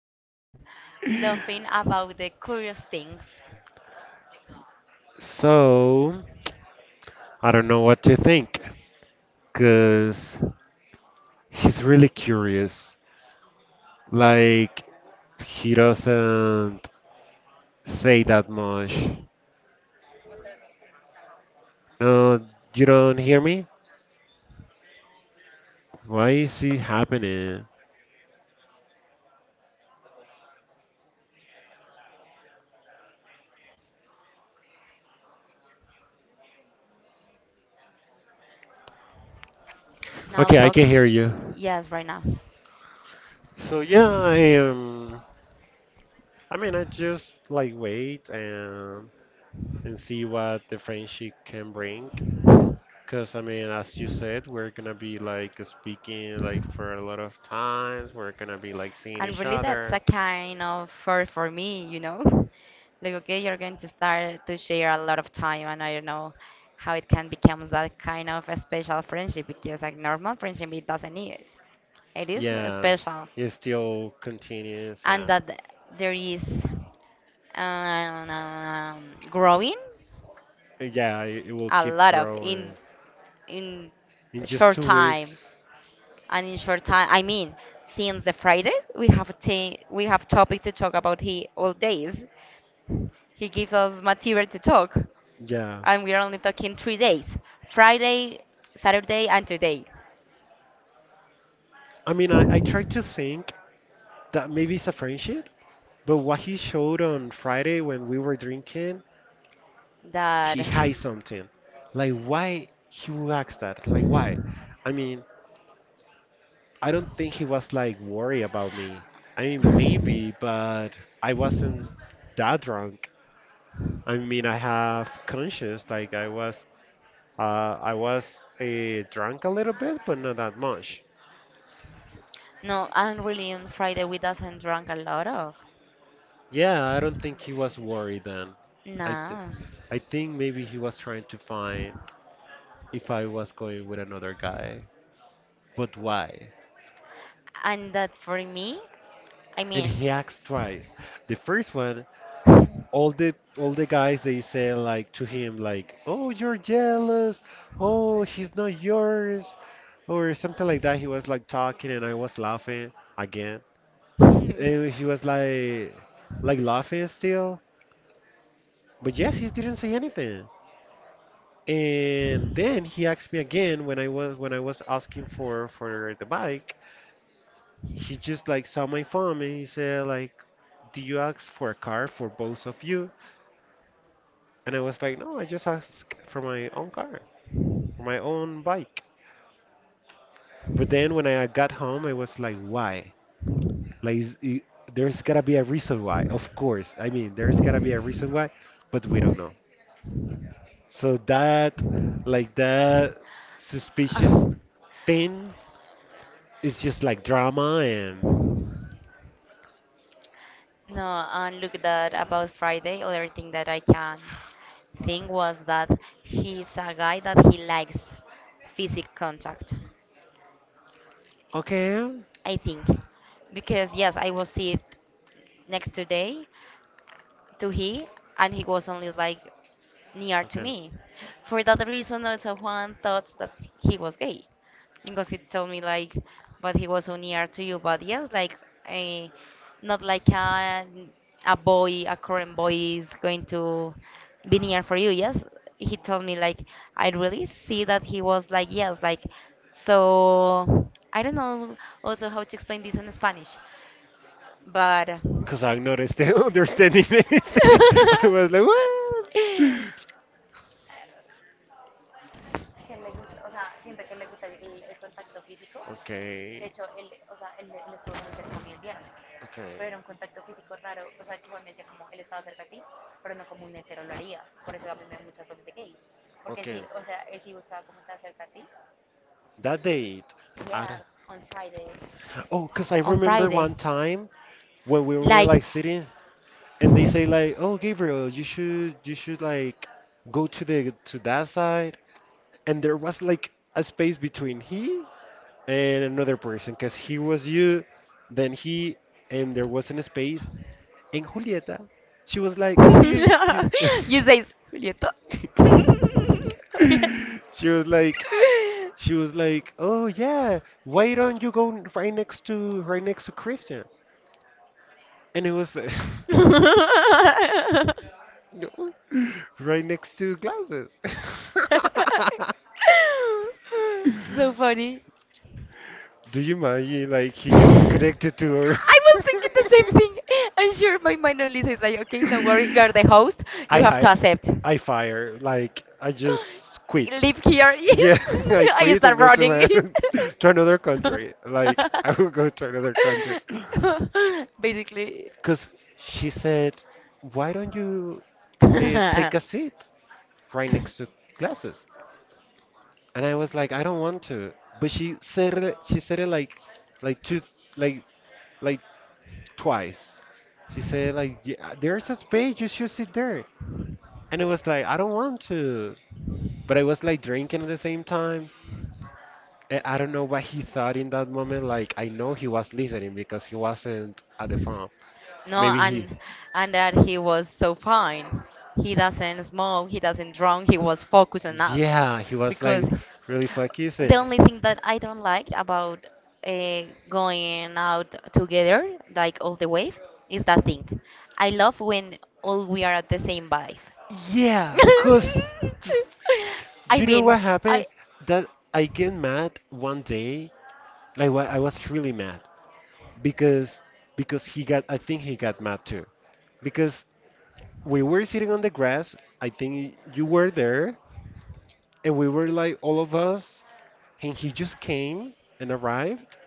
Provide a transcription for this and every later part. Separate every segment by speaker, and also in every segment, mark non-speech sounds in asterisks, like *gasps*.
Speaker 1: um, laughing about the curious things of the guys.
Speaker 2: So I don't know what to think
Speaker 1: Hmm.
Speaker 2: because he's really curious. Like he doesn't say that much.
Speaker 1: Otra vez no te estoy escuchando.
Speaker 2: No, you don't hear me?
Speaker 1: No.
Speaker 2: Why is it happening?
Speaker 1: Now
Speaker 2: Okay, I
Speaker 1: talk.
Speaker 2: can hear you.
Speaker 1: Yes, right now.
Speaker 2: So yeah, I am. I just wait and see what the friendship can bring. Because, as you said, we're gonna be like speaking like for a lot of times. We're gonna be like seeing
Speaker 1: And
Speaker 2: each
Speaker 1: really, that's a
Speaker 2: other.
Speaker 1: kind of first for me, you know. Like, okay, you're going to start to share a lot of time, and I don't know how it can become that kind of a special friendship because, like, normal friendship, it doesn't is. It is
Speaker 2: Yeah,
Speaker 1: special.
Speaker 2: it still continues,
Speaker 1: And
Speaker 2: and
Speaker 1: that there is growing
Speaker 2: yeah, it will
Speaker 1: a
Speaker 2: keep
Speaker 1: lot of in
Speaker 2: growing.
Speaker 1: in
Speaker 2: In just
Speaker 1: short
Speaker 2: two
Speaker 1: time,
Speaker 2: weeks,
Speaker 1: and in short time I mean since the Friday we have topic to talk about, he all days, he gives us material to talk.
Speaker 2: yeah.
Speaker 1: And we're only talking 3 days: Friday, Saturday, and today,
Speaker 2: I try to think that maybe it's a friendship, but what he showed on Friday when we were drinking,
Speaker 1: that
Speaker 2: he hides something. Like, why he would ask that? Like, why? I mean, I don't think he was like worried about me.
Speaker 1: *sighs* no.
Speaker 2: Maybe, but I wasn't that drunk. I have conscience. Like I was, uh, I was drunk a little bit, but not that much.
Speaker 1: I'm really on Friday we doesn't drink a lot of
Speaker 2: Yeah, I don't think he was worried then. I, th-
Speaker 1: no.
Speaker 2: I think maybe he was trying to find if I was going with another guy. But why?
Speaker 1: And that for me, I
Speaker 2: And
Speaker 1: mean,
Speaker 2: he asked twice. The first one, all the guys, they say like to him like, oh, you're jealous, oh, he's not yours, or something like that. He was like talking and I was laughing again,
Speaker 1: *laughs*
Speaker 2: and he was like laughing still, but yes, he didn't say anything. And then he asked me again when I was asking for the bike. He just like saw my phone and he said like, do you ask for a car for both of you? And I was like, no, I just asked for my own car, for my own bike. But then when I got home, I was like, why? Like, is, I there's gotta be a reason why. Of course, there's gotta be a reason why, but we don't know. So that, like that suspicious
Speaker 1: Uh,
Speaker 2: thing is just like drama and
Speaker 1: no, and look that about Friday, other thing that I can think was that he's a guy that he likes physical contact,
Speaker 2: okay,
Speaker 1: I think. Because yes, I was sit next today to he, and he was only like near to
Speaker 2: okay.
Speaker 1: me. For that reason, also Juan thought that he was gay because he told me like, but he was so near to you. But yes, like, eh, not like a boy, a current boy is going to be near for you. Yes, he told me like, I really see that he was like yes, like, so I don't know also how to explain this in Spanish, but.
Speaker 2: Cause I'm not sta- *laughs* understanding anything. *laughs* I was like, what?
Speaker 1: Que le gusta, o sea, siento que le gusta el el contacto físico que de
Speaker 2: Okay,
Speaker 1: hecho él, o sea, él, él estuvo muy cerca a mí el viernes,
Speaker 2: okay,
Speaker 1: pero era un contacto físico raro, o sea, que Juan me decía como, él estaba cerca a ti, pero no como un hetero lo haría, por eso también mí me da muchas veces de gays, porque él
Speaker 2: okay.
Speaker 1: sí, o sea, él sí buscaba como estar cerca a ti,
Speaker 2: That date. I don't,
Speaker 1: yes, on Friday,
Speaker 2: oh, because I
Speaker 1: on
Speaker 2: remember
Speaker 1: Friday.
Speaker 2: one time when we were
Speaker 1: Like,
Speaker 2: like sitting and they say like, oh, Gabriel, you should like go to the to that side, and there was like a space between he and another person because he was you, then he, and there wasn't a space. And Julieta, she was like, oh, you
Speaker 1: *laughs* you say, Julieta.
Speaker 2: *laughs*
Speaker 1: *laughs* Okay.
Speaker 2: she was like, oh yeah, why don't you go right next to Christian. And it was
Speaker 1: She was
Speaker 2: *laughs* no, right next to glasses.
Speaker 1: like,
Speaker 2: *laughs*
Speaker 1: *laughs* so funny.
Speaker 2: Do you imagine like he gets connected to her?
Speaker 1: I was thinking the same thing. I'm
Speaker 2: *laughs*
Speaker 1: sure my minor Lisa is like, okay, no worry, you are the host. You
Speaker 2: I
Speaker 1: have
Speaker 2: hi
Speaker 1: to accept.
Speaker 2: I fire. Like I just quit.
Speaker 1: *gasps* Live here.
Speaker 2: Yeah,
Speaker 1: Yes. *laughs*
Speaker 2: *laughs* I
Speaker 1: I
Speaker 2: quit and
Speaker 1: start
Speaker 2: go to
Speaker 1: running.
Speaker 2: my *laughs* to another country. Like I will go to another country.
Speaker 1: *laughs* Basically.
Speaker 2: Cause she said, "Why don't you
Speaker 1: *laughs* no,
Speaker 2: take a seat right next to classes?" And I was like, "I don't want to." But she said it like two like like twice. She said like, yeah, "There's a space. You should sit there." And it was like, "I don't want to." But I was like drinking at the same time. And I don't know what he thought in that moment. Like I know he was listening because he wasn't at the farm. Maybe he,
Speaker 1: and and that he was so fine. He doesn't smoke. He doesn't drink. He was focused on us
Speaker 2: yeah, he was
Speaker 1: because
Speaker 2: like really focused.
Speaker 1: the only thing that I don't like about uh, going out together, like all the way, is that thing. I love when all we are at the same vibe.
Speaker 2: Yeah, cause
Speaker 1: *laughs*
Speaker 2: d-
Speaker 1: I
Speaker 2: you know
Speaker 1: mean,
Speaker 2: what
Speaker 1: I.
Speaker 2: happened? That I get mad one day. I was really mad because he got. I think he got mad too. Because we were sitting on the grass. I think you were there, and we were like all of us. And he just came and arrived,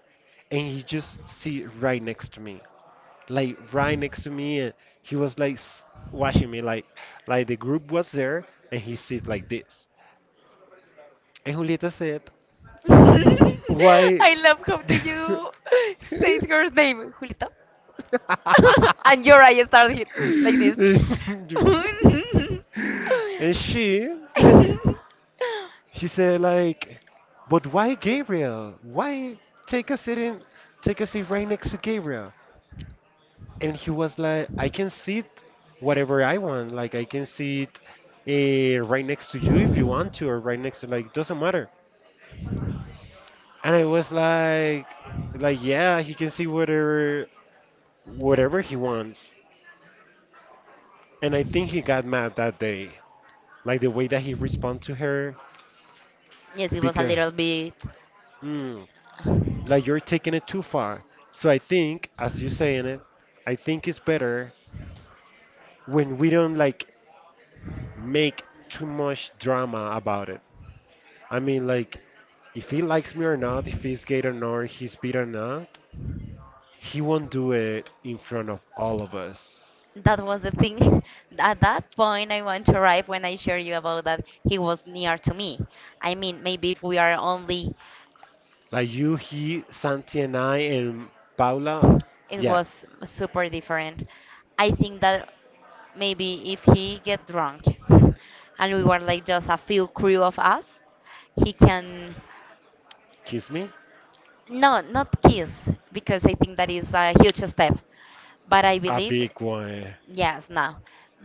Speaker 2: and he just sit right next to me, like right next to me, and he was like s- watching me, like the group was there, and he sit like this. And Julieta said,
Speaker 1: *laughs*
Speaker 2: "Why?"
Speaker 1: I love how that
Speaker 2: *laughs*
Speaker 1: you say her name, Julito, *laughs* and your eye started hit
Speaker 2: *laughs*
Speaker 1: like this.
Speaker 2: and
Speaker 1: *laughs*
Speaker 2: she *laughs* He said like, but why Gabriel? Why take a seat in, take a seat right next to Gabriel? And he was like, I can sit whatever I want. Like I can sit right next to you if you want to, or right next to like doesn't matter. And I was like yeah, he can see whatever he wants. And I think he got mad that day, like the way that he responded to her
Speaker 1: Yes, it was a
Speaker 2: because.
Speaker 1: little bit.
Speaker 2: Hmm, like you're taking it too far. So I think, as you saying it, I think it's better when we don't like make too much drama about it. I mean, like, if he likes me or not, if he's gay or not, he's beat or not, he won't do it in front of all of us.
Speaker 1: That was the thing. *laughs* At that point, I want to arrive when I share you about that he was near to me. I mean, maybe if we are only,
Speaker 2: Like you, he, Santi, and I, and Paula,
Speaker 1: it
Speaker 2: yeah,
Speaker 1: was super different. I think that maybe if he get drunk *laughs* and we were like just a few crew of us, he can
Speaker 2: kiss me,
Speaker 1: no not kiss because I think that is a huge step. But I
Speaker 2: a
Speaker 1: believe
Speaker 2: big one.
Speaker 1: yes, no.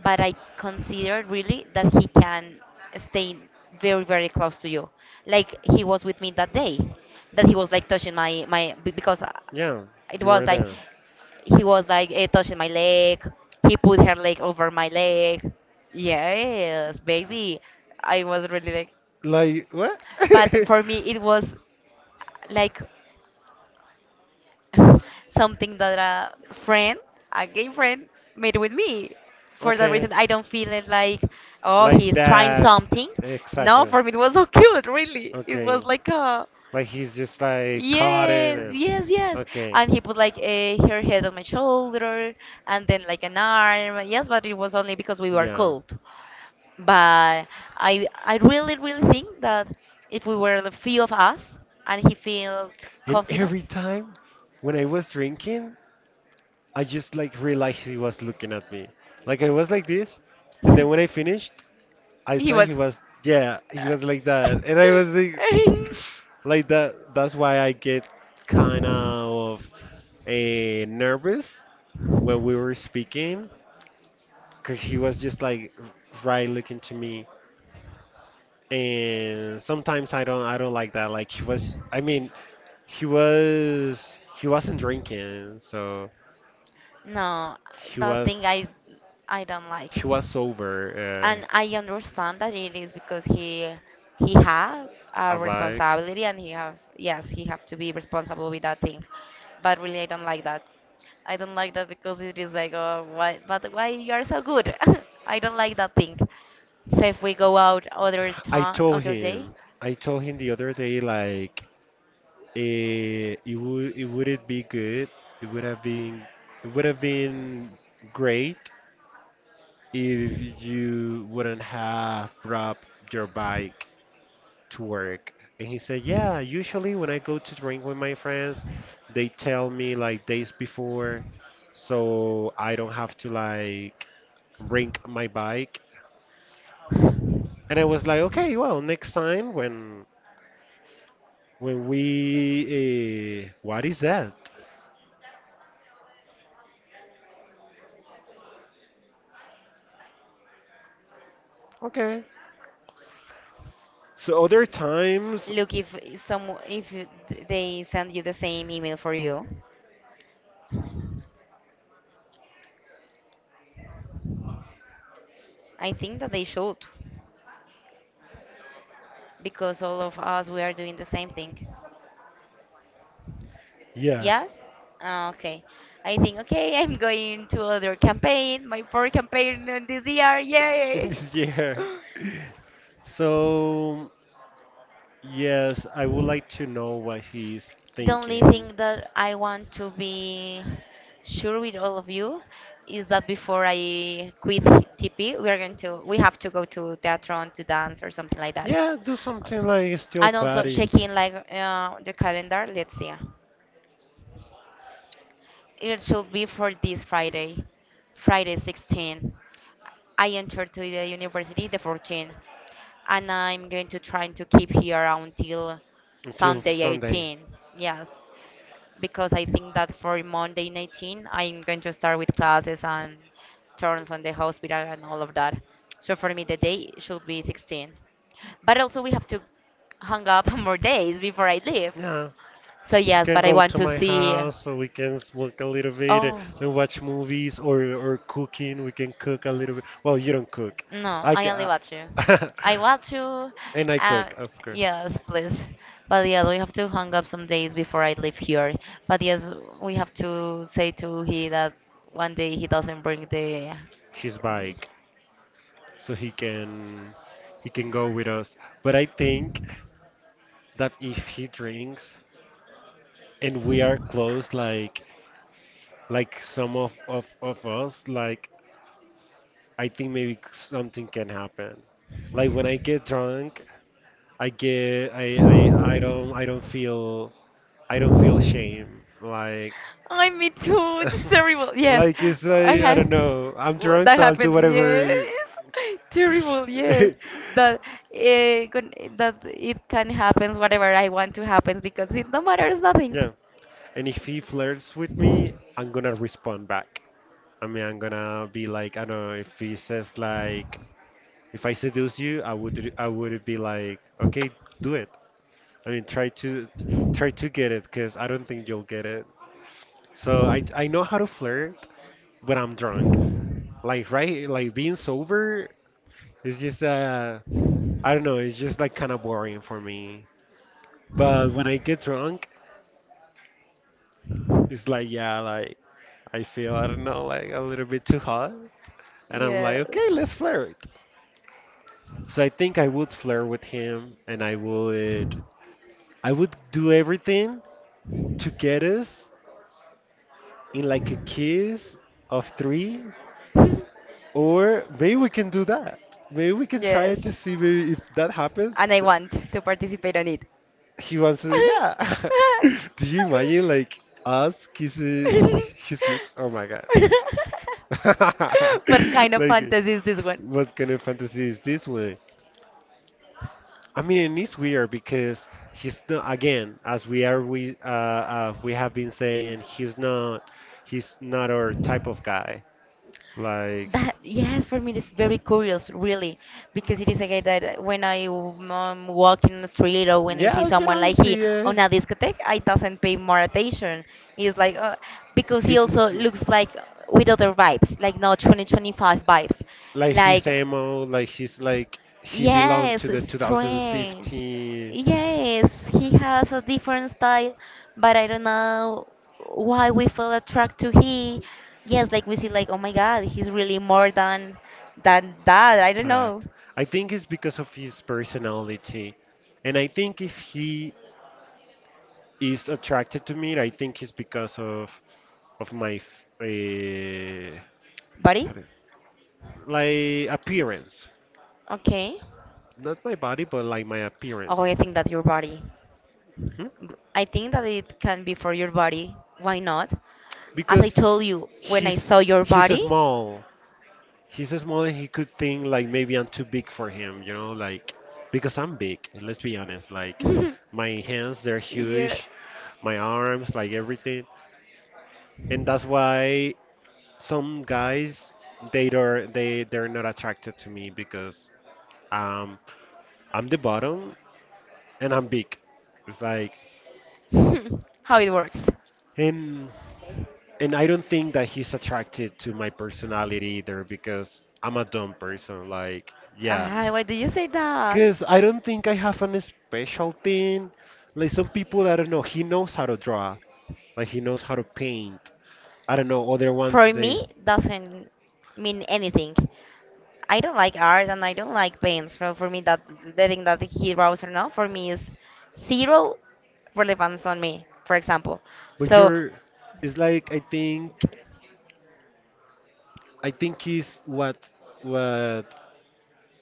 Speaker 1: But I consider really that he can stay very, very close to you. Like he was with me that day, that he was like touching because
Speaker 2: Yeah,
Speaker 1: it
Speaker 2: you were
Speaker 1: was like,
Speaker 2: there.
Speaker 1: he was like touching my leg. He put her leg over my leg. Yes, baby. I was really like,
Speaker 2: Like what?
Speaker 1: but
Speaker 2: *laughs*
Speaker 1: for me it was like *laughs* something that a friend, a gay friend, made with me. For that
Speaker 2: Okay.
Speaker 1: reason, I don't feel it like, oh,
Speaker 2: Like
Speaker 1: he's trying
Speaker 2: that.
Speaker 1: something. No,
Speaker 2: Exactly.
Speaker 1: for me, it was *laughs* so cute, really. It was
Speaker 2: Okay.
Speaker 1: like a,
Speaker 2: Like he's just like caught in
Speaker 1: yes,
Speaker 2: and
Speaker 1: yes, yes.
Speaker 2: okay.
Speaker 1: And he put like a, her head on my shoulder and then like an arm. Yes, but it was only because we were
Speaker 2: Yeah.
Speaker 1: cold. But I really, really think that if we were the few of us and he felt
Speaker 2: And
Speaker 1: confident.
Speaker 2: every time when I was drinking, I just like realized he was looking at me. Like I was like this, and then when I finished,
Speaker 1: *laughs*
Speaker 2: I
Speaker 1: He
Speaker 2: saw
Speaker 1: was.
Speaker 2: he was, yeah, he was like
Speaker 1: Uh,
Speaker 2: that, and I was like, *sniffs* like that. That's why I get kind of nervous when we were speaking, cause he was just like right looking to me, and sometimes I don't like that. Like he was, he was, he wasn't drinking, so
Speaker 1: *laughs* no,
Speaker 2: he
Speaker 1: that
Speaker 2: was,
Speaker 1: thing I don't like,
Speaker 2: he was sober.
Speaker 1: and I understand that it is because he had a
Speaker 2: About
Speaker 1: responsibility and he have yes he have to be responsible with that thing, but really I don't like that. I don't like that because it is like oh why but why you are so good? *laughs* I don't like that thing. So if we go out other
Speaker 2: I
Speaker 1: time
Speaker 2: told
Speaker 1: other day,
Speaker 2: him, the other day, like. It be good? It would have been it would have been Great if you wouldn't have brought your bike to work. And he said, yeah, usually when I go to drink with my friends, they tell me like days before, so I don't have to like bring my bike. And I was like, okay, well, next time when we what is that? Okay. So other times,
Speaker 1: look, if some if you- they send you the same email for you, I think that they should because all of us we are doing the same thing.
Speaker 2: yeah,
Speaker 1: Yes? Ah, okay. I think okay, *laughs* I'm going to other campaign, my fourth campaign in this year.
Speaker 2: *laughs*
Speaker 1: Yay!
Speaker 2: this year. So, yes, I would like to know what he's
Speaker 1: The only
Speaker 2: thinking.
Speaker 1: thing that I want to be sure with all of you is that before I quit TP, we are going to we have to go to theatron to dance or something like that.
Speaker 2: Yeah, do something like a still
Speaker 1: And also
Speaker 2: party
Speaker 1: checking like the calendar. Let's see. It should be for this Friday, Friday 16. I entered to the university the 14, and I'm going to try to keep here until
Speaker 2: until
Speaker 1: Sunday
Speaker 2: Sunday.
Speaker 1: 18. Yes, because I think that for Monday 19, I'm going to start with classes and turns on the hospital and all of that. So for me, the day should be 16. But also, we have to hang up *laughs* more days before I leave.
Speaker 2: Yeah.
Speaker 1: So
Speaker 2: You
Speaker 1: yes,
Speaker 2: can
Speaker 1: but I
Speaker 2: go
Speaker 1: want
Speaker 2: to
Speaker 1: to
Speaker 2: my
Speaker 1: see.
Speaker 2: house so we can smoke a little bit and
Speaker 1: Oh.
Speaker 2: watch movies or cooking. We can cook a little bit. Well, you don't cook.
Speaker 1: No,
Speaker 2: I
Speaker 1: I only
Speaker 2: can,
Speaker 1: watch you.
Speaker 2: *laughs*
Speaker 1: I watch you.
Speaker 2: and I
Speaker 1: Uh,
Speaker 2: cook, of course.
Speaker 1: yes, please. But yeah, we have to hang up some days before I leave here. But yes, we have to say to he that one day he doesn't bring the.
Speaker 2: His bike, so he can go with us. But I think that if he drinks and we are close, like some of us, like I think maybe something can happen. Like when I get drunk, I get I don't feel shame, like
Speaker 1: I me too. It's terrible.
Speaker 2: *laughs*
Speaker 1: Yes,
Speaker 2: like it's
Speaker 1: I
Speaker 2: like I
Speaker 1: have.
Speaker 2: don't know, I'm drunk,
Speaker 1: That
Speaker 2: so I'll do
Speaker 1: happened.
Speaker 2: whatever.
Speaker 1: Yes, *laughs* terrible. Yes,
Speaker 2: *laughs*
Speaker 1: that eh, gon- that it can happen. Whatever I want to happen because it no matters nothing.
Speaker 2: Yeah, and if he flirts with me, I'm gonna respond back. I mean, I'm gonna be like, I don't know, if he says like, if I seduce you, I would be like, okay, do it. I mean, try to get it, because I don't think you'll get it. So I know how to flirt, but I'm drunk. Like right, like being sober is just I don't know, it's just like kind of boring for me. But when I get drunk, it's like yeah, like I feel I don't know, like a little bit too hot, and I'm like
Speaker 1: Yes.
Speaker 2: okay, let's flirt. So I think I would flirt with him, and I would do everything to get us in like a kiss of three,
Speaker 1: *laughs*
Speaker 2: or maybe we can do that. Maybe we can try
Speaker 1: Yes.
Speaker 2: it to see maybe if that happens.
Speaker 1: And I want to participate on it.
Speaker 2: He was, yeah. *laughs* Do you imagine like us kissing
Speaker 1: *laughs*
Speaker 2: his lips? Oh my god.
Speaker 1: What kind
Speaker 2: *laughs*
Speaker 1: of
Speaker 2: Like,
Speaker 1: fantasy is this one?
Speaker 2: what kind of fantasy is this one? I mean, it's weird because he's not again, as we are we have been saying, he's not our type of guy. Like,
Speaker 1: That yes, for me it's very curious, really, because it is a guy that when I walk in the street or when I see
Speaker 2: yeah, you
Speaker 1: someone
Speaker 2: don't
Speaker 1: like he
Speaker 2: see it.
Speaker 1: on a discotheque, I doesn't pay more attention. He's like because he
Speaker 2: It's
Speaker 1: also looks like with other vibes, like not 2025 vibes,
Speaker 2: like his
Speaker 1: like.
Speaker 2: emo, like he's like he belonged to
Speaker 1: Yes,
Speaker 2: the
Speaker 1: strange.
Speaker 2: 2015
Speaker 1: Yes, he has a different style, but I don't know why we feel attracted to he. Yes, like we see like, oh my God, he's really more than that. I don't know.
Speaker 2: that. I think it's because of his personality, and I think if he is attracted to me, I think it's because of my uh,
Speaker 1: Body?
Speaker 2: like appearance,
Speaker 1: Okay.
Speaker 2: not my body, but like my
Speaker 1: Oh,
Speaker 2: appearance.
Speaker 1: I think that your body.
Speaker 2: Mhm.
Speaker 1: I think that it can be for your body. Why not? As I
Speaker 2: Because
Speaker 1: told you, when I
Speaker 2: he's
Speaker 1: saw your
Speaker 2: he's
Speaker 1: body.
Speaker 2: small. He's small and he could think like maybe I'm too big for him, you know, like because I'm big, and let's be honest, like
Speaker 1: *laughs*
Speaker 2: my hands, they're
Speaker 1: Yeah.
Speaker 2: huge, my arms, like everything. And that's why some guys, they don't they they're not attracted to me because um I'm the bottom and I'm big. It's like
Speaker 1: *laughs* How it works.
Speaker 2: and and I don't think that he's attracted to my personality either because I'm a dumb person. Like, yeah,
Speaker 1: Ah, why did you say that?
Speaker 2: because I don't think I have an special thing. Like some people, I don't know, he knows how to draw, like he knows how to paint. I don't know, other
Speaker 1: For
Speaker 2: ones they.
Speaker 1: me, doesn't mean anything. I don't like art and I don't like paints. So for me, that the thing that he draws or not, for me is zero relevance on me. For example,
Speaker 2: But
Speaker 1: so
Speaker 2: you're, it's like I think is what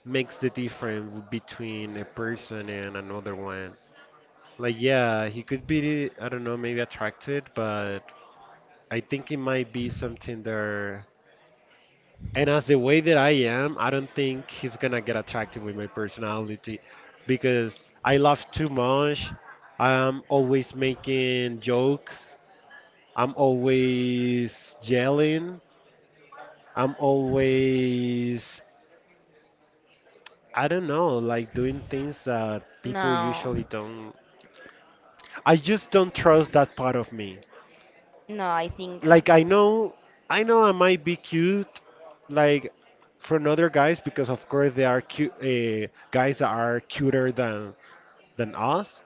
Speaker 2: makes the difference between a person and another one. Like, yeah, he could be, I don't know, maybe attracted, but I think it might be something there. And as the way that I am, I don't think he's gonna get attracted with my personality because I laugh too much. I'm always making jokes. I'm always yelling. I'm always, I don't know, like doing things that people
Speaker 1: no,
Speaker 2: usually don't. I just don't trust that part of me.
Speaker 1: no, I think
Speaker 2: Like I know, I know I might be cute, like from other guys, because of course there are cute guys that are cuter than us.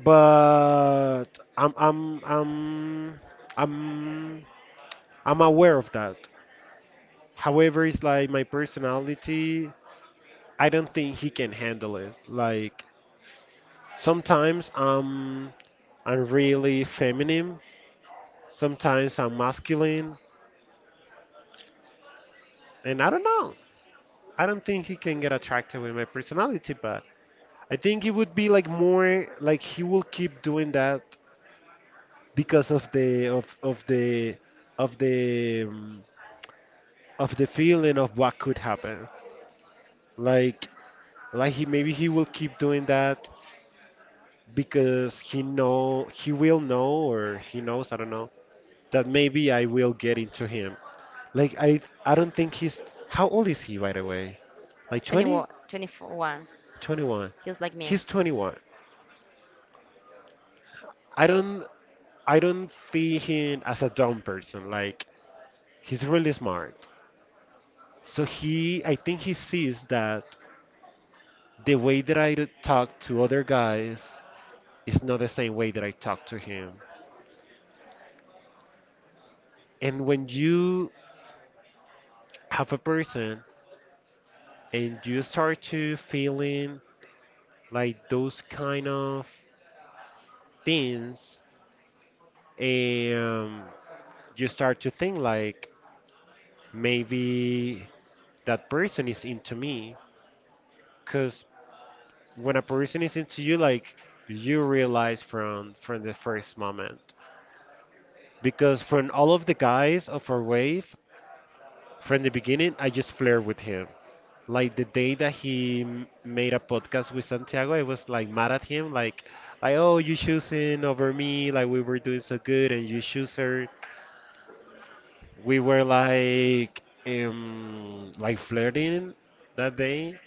Speaker 2: But I'm I'm I'm I'm I'm aware of that. However, it's like my personality. I don't think he can handle it. Like sometimes I'm really feminine. Sometimes I'm masculine, and I don't know. I don't think he can get attracted with my personality, but I think it would be like more, like he will keep doing that because of the of the of the feeling of what could happen. Like, he, maybe he will keep doing that because he know, he will know, or he knows, I don't know, that maybe I will get into him. Like I don't think he's. How old is he, by the way? Like 20?
Speaker 1: 21, 21.
Speaker 2: 21.
Speaker 1: He's like me.
Speaker 2: He's 21. I don't I don't see him as a dumb person. Like he's really smart. So he, I think he sees that the way that I talk to other guys, it's not the same way that I talk to him. And when you have a person and you start to feeling like those kind of things, and you start to think like maybe that person is into me, because when a person is into you, like, you realize from the first moment. Because from all of the guys of our wave, from the beginning, I just flirt with him. Like the day that made a podcast with Santiago, I was like mad at him, like, oh, you choosing over me, like, we were doing so good, and you choose her. We were like, like, flirting that day,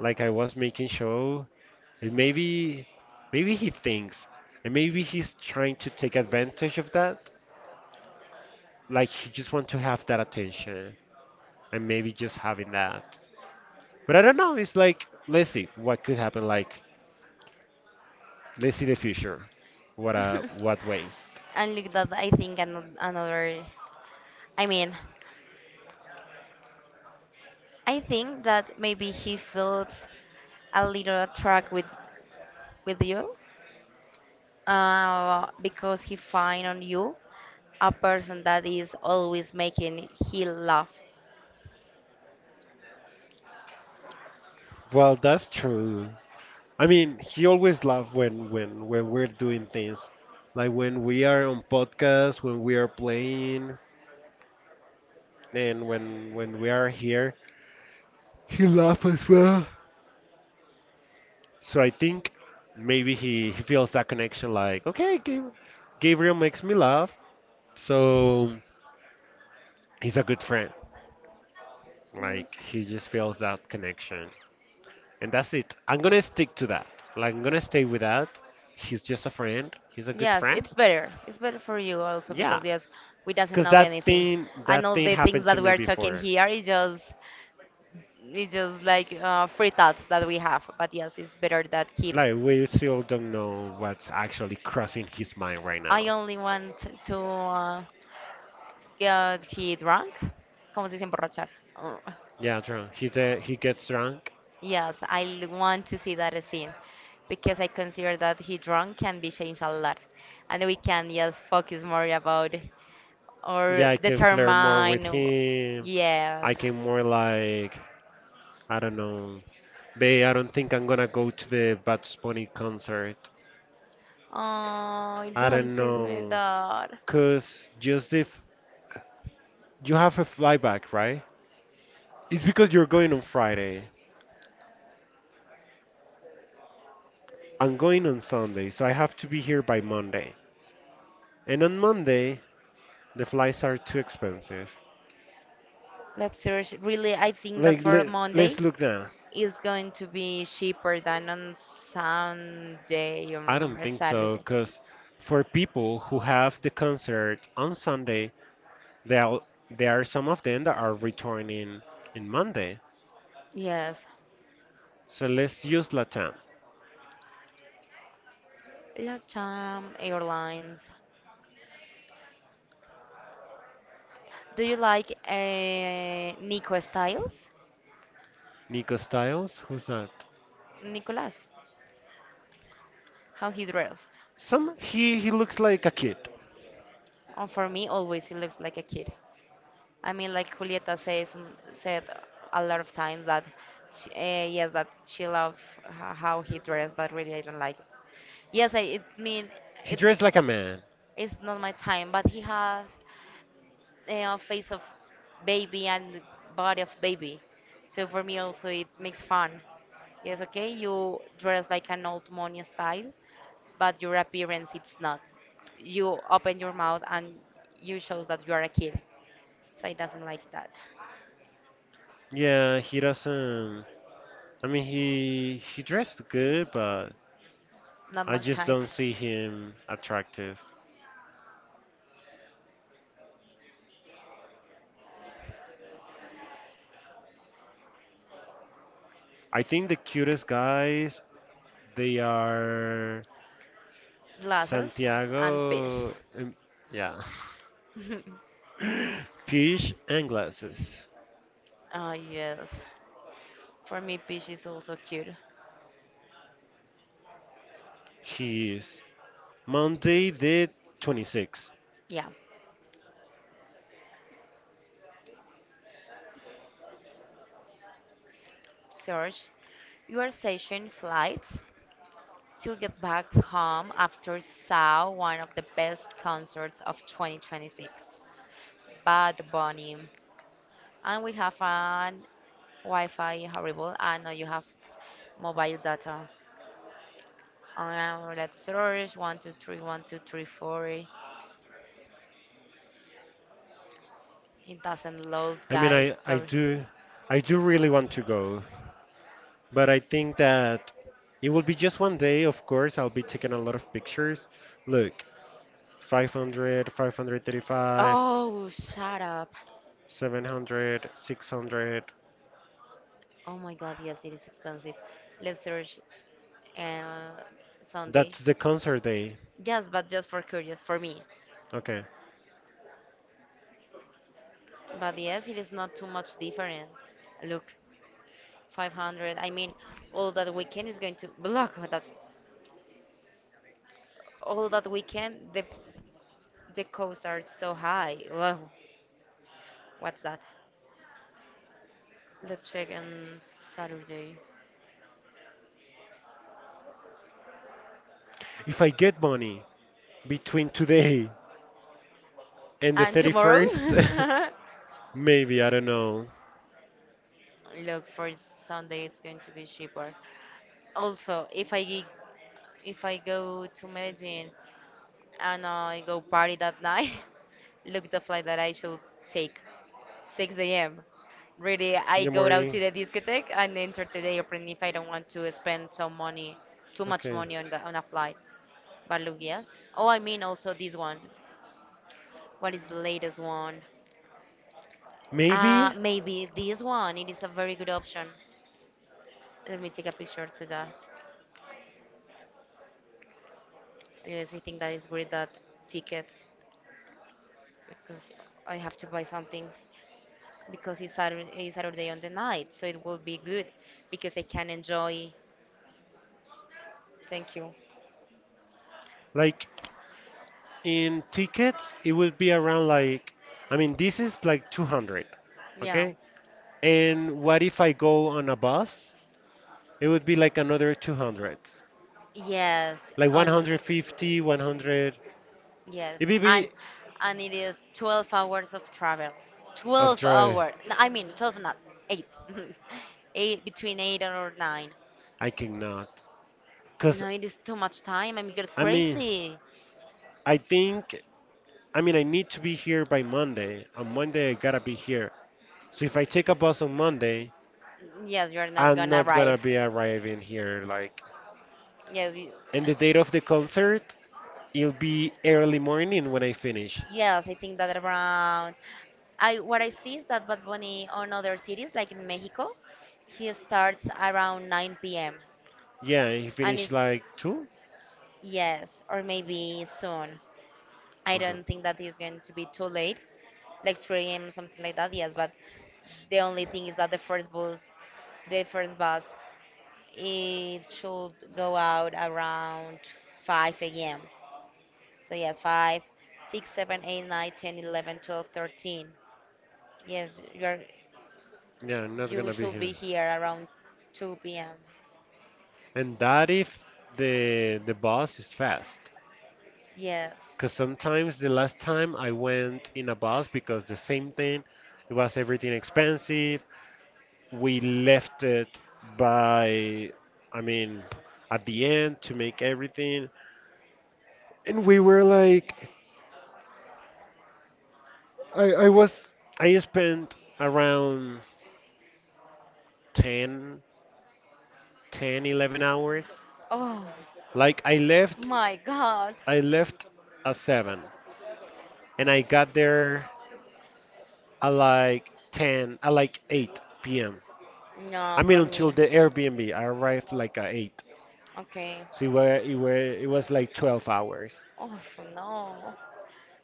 Speaker 2: like I was making show, and maybe, maybe he thinks, and maybe he's trying to take advantage of that, like he just want to have that attention, and maybe just having that. But I don't know. It's like, let's see what could happen. Like, let's see the future. What waste.
Speaker 1: *laughs* And look that I think another, I mean, I think that maybe he felt a little track with you because he find on you a person that is always making he laugh.
Speaker 2: Well, that's true. I mean, he always laughs when when we're doing things, like when we are on podcast, when we are playing, and when we are here. He laughs as well. So I think maybe he feels that connection. Like, okay, Gabriel makes me laugh, so he's a good friend. Like he just feels that connection, and that's it. I'm gonna stick to that. Like I'm gonna stay with that. He's just a friend. He's a good
Speaker 1: Yes,
Speaker 2: friend.
Speaker 1: it's better. It's better for you also
Speaker 2: Yeah,
Speaker 1: because yes, we doesn't
Speaker 2: cause
Speaker 1: know anything. And
Speaker 2: that
Speaker 1: all
Speaker 2: thing
Speaker 1: the things
Speaker 2: happened to
Speaker 1: that
Speaker 2: me
Speaker 1: we're talking
Speaker 2: before.
Speaker 1: here is just it's just like free thoughts that we have. But yes, it's better that keep.
Speaker 2: Like we still don't know what's actually crossing his mind right
Speaker 1: I
Speaker 2: now.
Speaker 1: only want to get he drunk. ¿Cómo se dice emborrachar? Oh.
Speaker 2: Yeah, drunk. He gets drunk.
Speaker 1: Yes, I want to see that scene because I consider that he drunk can be changed a lot, and we can just focus more about or
Speaker 2: Yeah, I can flirt more
Speaker 1: determine.
Speaker 2: with him.
Speaker 1: Yes.
Speaker 2: I can more, like, I don't know. Babe, I don't think I'm gonna go to the Bad Bunny concert.
Speaker 1: Oh,
Speaker 2: I
Speaker 1: don't
Speaker 2: don't
Speaker 1: send me
Speaker 2: know,
Speaker 1: that.
Speaker 2: cause just if you have a flyback, right? It's because you're going on Friday. I'm going on Sunday, so I have to be here by Monday. And on Monday, the flights are too expensive.
Speaker 1: Let's search. Really, I think that
Speaker 2: Like,
Speaker 1: for
Speaker 2: let's
Speaker 1: Monday
Speaker 2: look now.
Speaker 1: is going to be cheaper than on Sunday
Speaker 2: I
Speaker 1: or
Speaker 2: don't think so,
Speaker 1: Saturday.
Speaker 2: because for people who have the concert on Sunday, there are, there are some of them that are returning in Monday.
Speaker 1: Yes.
Speaker 2: So let's use Latam.
Speaker 1: LATAM Airlines. Do you like Nico Styles?
Speaker 2: Nico Styles, who's that?
Speaker 1: Nicolas, how he dressed.
Speaker 2: Some, he looks like a kid.
Speaker 1: And for me, always he looks like a kid. I mean, like Julieta says mm, said a lot of times that she, yes, that she loved how he dressed, but really I don't like it. Yes, I it mean
Speaker 2: He
Speaker 1: it
Speaker 2: dressed like a man.
Speaker 1: it's not my time, but he has a face of baby and body of baby. So for me also it makes fun. Yes, okay, you dress like an old money style, but your appearance it's not. You open your mouth and you shows that you are a kid. So I doesn't like that.
Speaker 2: Yeah, he doesn't. I mean, he dressed good, but
Speaker 1: Not
Speaker 2: I
Speaker 1: my
Speaker 2: just
Speaker 1: type.
Speaker 2: don't see him attractive. I think the cutest guys, they are
Speaker 1: Glasses and fish.
Speaker 2: Santiago, yeah,
Speaker 1: *laughs*
Speaker 2: *laughs* Peach and glasses.
Speaker 1: Ah yes. For me fish is also cute.
Speaker 2: He is Monday the 26th.
Speaker 1: Yeah. Search. You are searching flights to get back home after saw one of the best concerts of 2026. Bad Bunny. And we have an Wi-Fi horrible. I know you have mobile data. Let's search 1 2 3 1 2 3 4. It doesn't load,
Speaker 2: I mean,
Speaker 1: guys.
Speaker 2: I I
Speaker 1: Sorry.
Speaker 2: do I do really want to go, but I think that it will be just one day. Of course, I'll be taking a lot of pictures. Look, 500, 535,
Speaker 1: Oh, shut up.
Speaker 2: 700, 600.
Speaker 1: Oh my God, yes, it is expensive. Let's search uh, Sunday.
Speaker 2: That's the concert day.
Speaker 1: Yes, but just for curious, for me.
Speaker 2: Okay.
Speaker 1: But yes, it is not too much different. Look, 500. I mean, all that weekend is going to block that. All that weekend, the costs are so high. Whoa, what's that? Let's check on Saturday.
Speaker 2: If I get money between today and the
Speaker 1: And tomorrow?
Speaker 2: 31st,
Speaker 1: *laughs*
Speaker 2: *laughs* maybe, I don't know,
Speaker 1: Look, for Sunday it's going to be cheaper. Also, if I if I go to Medellin and I go party that night, *laughs* look the flight that I should take. 6 a.m. Really,
Speaker 2: in
Speaker 1: I
Speaker 2: the
Speaker 1: go out
Speaker 2: morning.
Speaker 1: to the discotheque and enter to the airplane if I don't want to spend some money, too much
Speaker 2: Okay.
Speaker 1: money on the on a flight. But look, yes. Oh, I mean also this one. What is the latest one?
Speaker 2: Maybe,
Speaker 1: Maybe this one, it is a very good option. Let me take a picture to that. Yes, I think that is worth that ticket because I have to buy something because it's Saturday on the night, so it will be good because I can enjoy. Thank you.
Speaker 2: like, in tickets it would be around like, I mean, this is like 200.
Speaker 1: Yeah.
Speaker 2: Okay. And what if I go on a bus, it would be like another 200,
Speaker 1: Yes,
Speaker 2: like
Speaker 1: on
Speaker 2: 150, 100.
Speaker 1: yes,
Speaker 2: It would
Speaker 1: and
Speaker 2: be
Speaker 1: and it is 12 hours of travel.
Speaker 2: of
Speaker 1: 12
Speaker 2: drive.
Speaker 1: hour. I mean 12 not 8. *laughs* 8 between 8 or 9.
Speaker 2: I cannot because,
Speaker 1: No, it is too much time. I'm get
Speaker 2: I mean,
Speaker 1: crazy.
Speaker 2: I think, I mean, I need to be here by Monday. On Monday, I gotta be here. So if I take a bus on Monday,
Speaker 1: Yes, you're not
Speaker 2: I'm
Speaker 1: gonna
Speaker 2: not
Speaker 1: arrive.
Speaker 2: gonna be arriving here, like.
Speaker 1: Yes, you.
Speaker 2: And the date of the concert, it'll be early morning when I finish.
Speaker 1: Yes, I think that around. I what I see is that Bad Bunny on other cities, like in Mexico, he starts around 9 p.m.
Speaker 2: Yeah, I
Speaker 1: And
Speaker 2: finish
Speaker 1: it's
Speaker 2: like 2.
Speaker 1: yes, or maybe soon. I
Speaker 2: Mhm.
Speaker 1: don't think that that is going to be too late, like 3 a.m. something like that. Yes, but the only thing is that the first bus, it should go out around 5 a.m. So yes, five, six, seven, eight, nine, ten, 11, 12, 13. Yes, you
Speaker 2: Yeah, I'm
Speaker 1: are,
Speaker 2: not
Speaker 1: you
Speaker 2: gonna be
Speaker 1: should
Speaker 2: here.
Speaker 1: be here around 2 p.m.
Speaker 2: And that if the bus is fast.
Speaker 1: Yes.
Speaker 2: Cause sometimes the last time I went in a bus, because the same thing, it was everything expensive. We left it by, I mean, at the end to make everything, and we were like, i i was I spent around ten, 11 hours.
Speaker 1: Oh,
Speaker 2: Like i left
Speaker 1: my God.
Speaker 2: i left at 7, and I got there at like 10, at like 8 p.m.
Speaker 1: No,
Speaker 2: I
Speaker 1: for
Speaker 2: mean,
Speaker 1: me.
Speaker 2: until the Airbnb I arrived like at 8.
Speaker 1: Okay.
Speaker 2: So it was like 12 hours.
Speaker 1: Oh, no.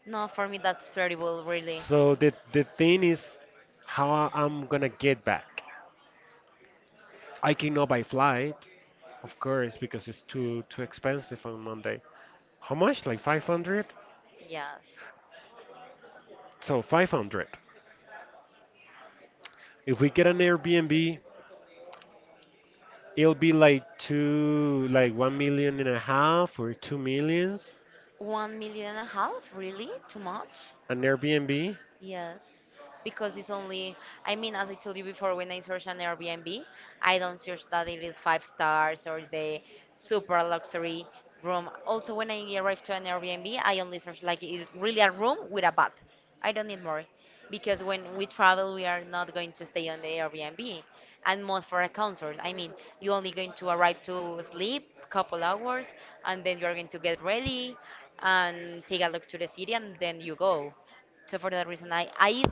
Speaker 1: No, for me, that's terrible, really.
Speaker 2: So the thing is how I'm gonna get back. I cannot buy flight, of course, because it's too expensive on Monday. How much? Like 500?
Speaker 1: Yes.
Speaker 2: So 500. If we get an Airbnb, it'll be like two, like 1 million and a half or 2 millions.
Speaker 1: 1 million and a half? Really? Too much?
Speaker 2: An Airbnb.
Speaker 1: Yes, because it's only, I mean, as I told you before, when I search an Airbnb, I don't search that it is five stars or the super luxury room. Also, when I arrive to an Airbnb, I only search like is really a room with a bath. I don't need more because when we travel, we are not going to stay on the Airbnb and most for a concert. I mean, you only going to arrive to sleep couple hours and then you're going to get ready and take a look to the city and then you go. So for that reason,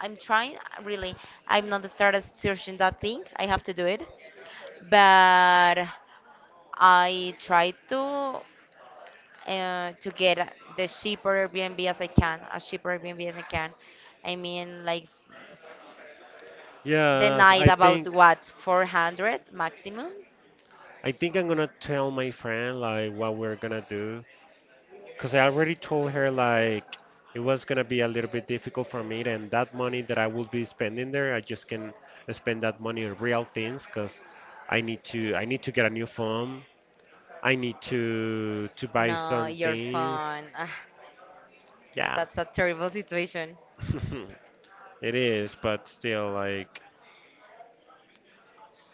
Speaker 1: I'm trying really. I'm not started searching that thing. I have to do it, but I try to get the cheaper Airbnb as I can, as cheaper Airbnb as I can. I mean, like the
Speaker 2: Yes,
Speaker 1: night about what 400 maximum.
Speaker 2: I think I'm gonna tell my friend like what we're gonna do, because I already told her like it was gonna be a little bit difficult for me, and that money that I will be spending there, I just can spend that money on real things. Because I need to get a new phone. I need to buy
Speaker 1: No,
Speaker 2: some
Speaker 1: you're
Speaker 2: things.
Speaker 1: fun. Ah,
Speaker 2: Yeah,
Speaker 1: that's a terrible *laughs* situation.
Speaker 2: *laughs* it is, but still, like,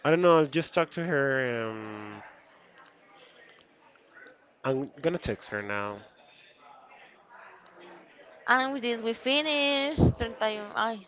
Speaker 2: I don't know. I'll just talk to her. I'm gonna text her now.
Speaker 1: And with this, we finish. Turn time. Ay,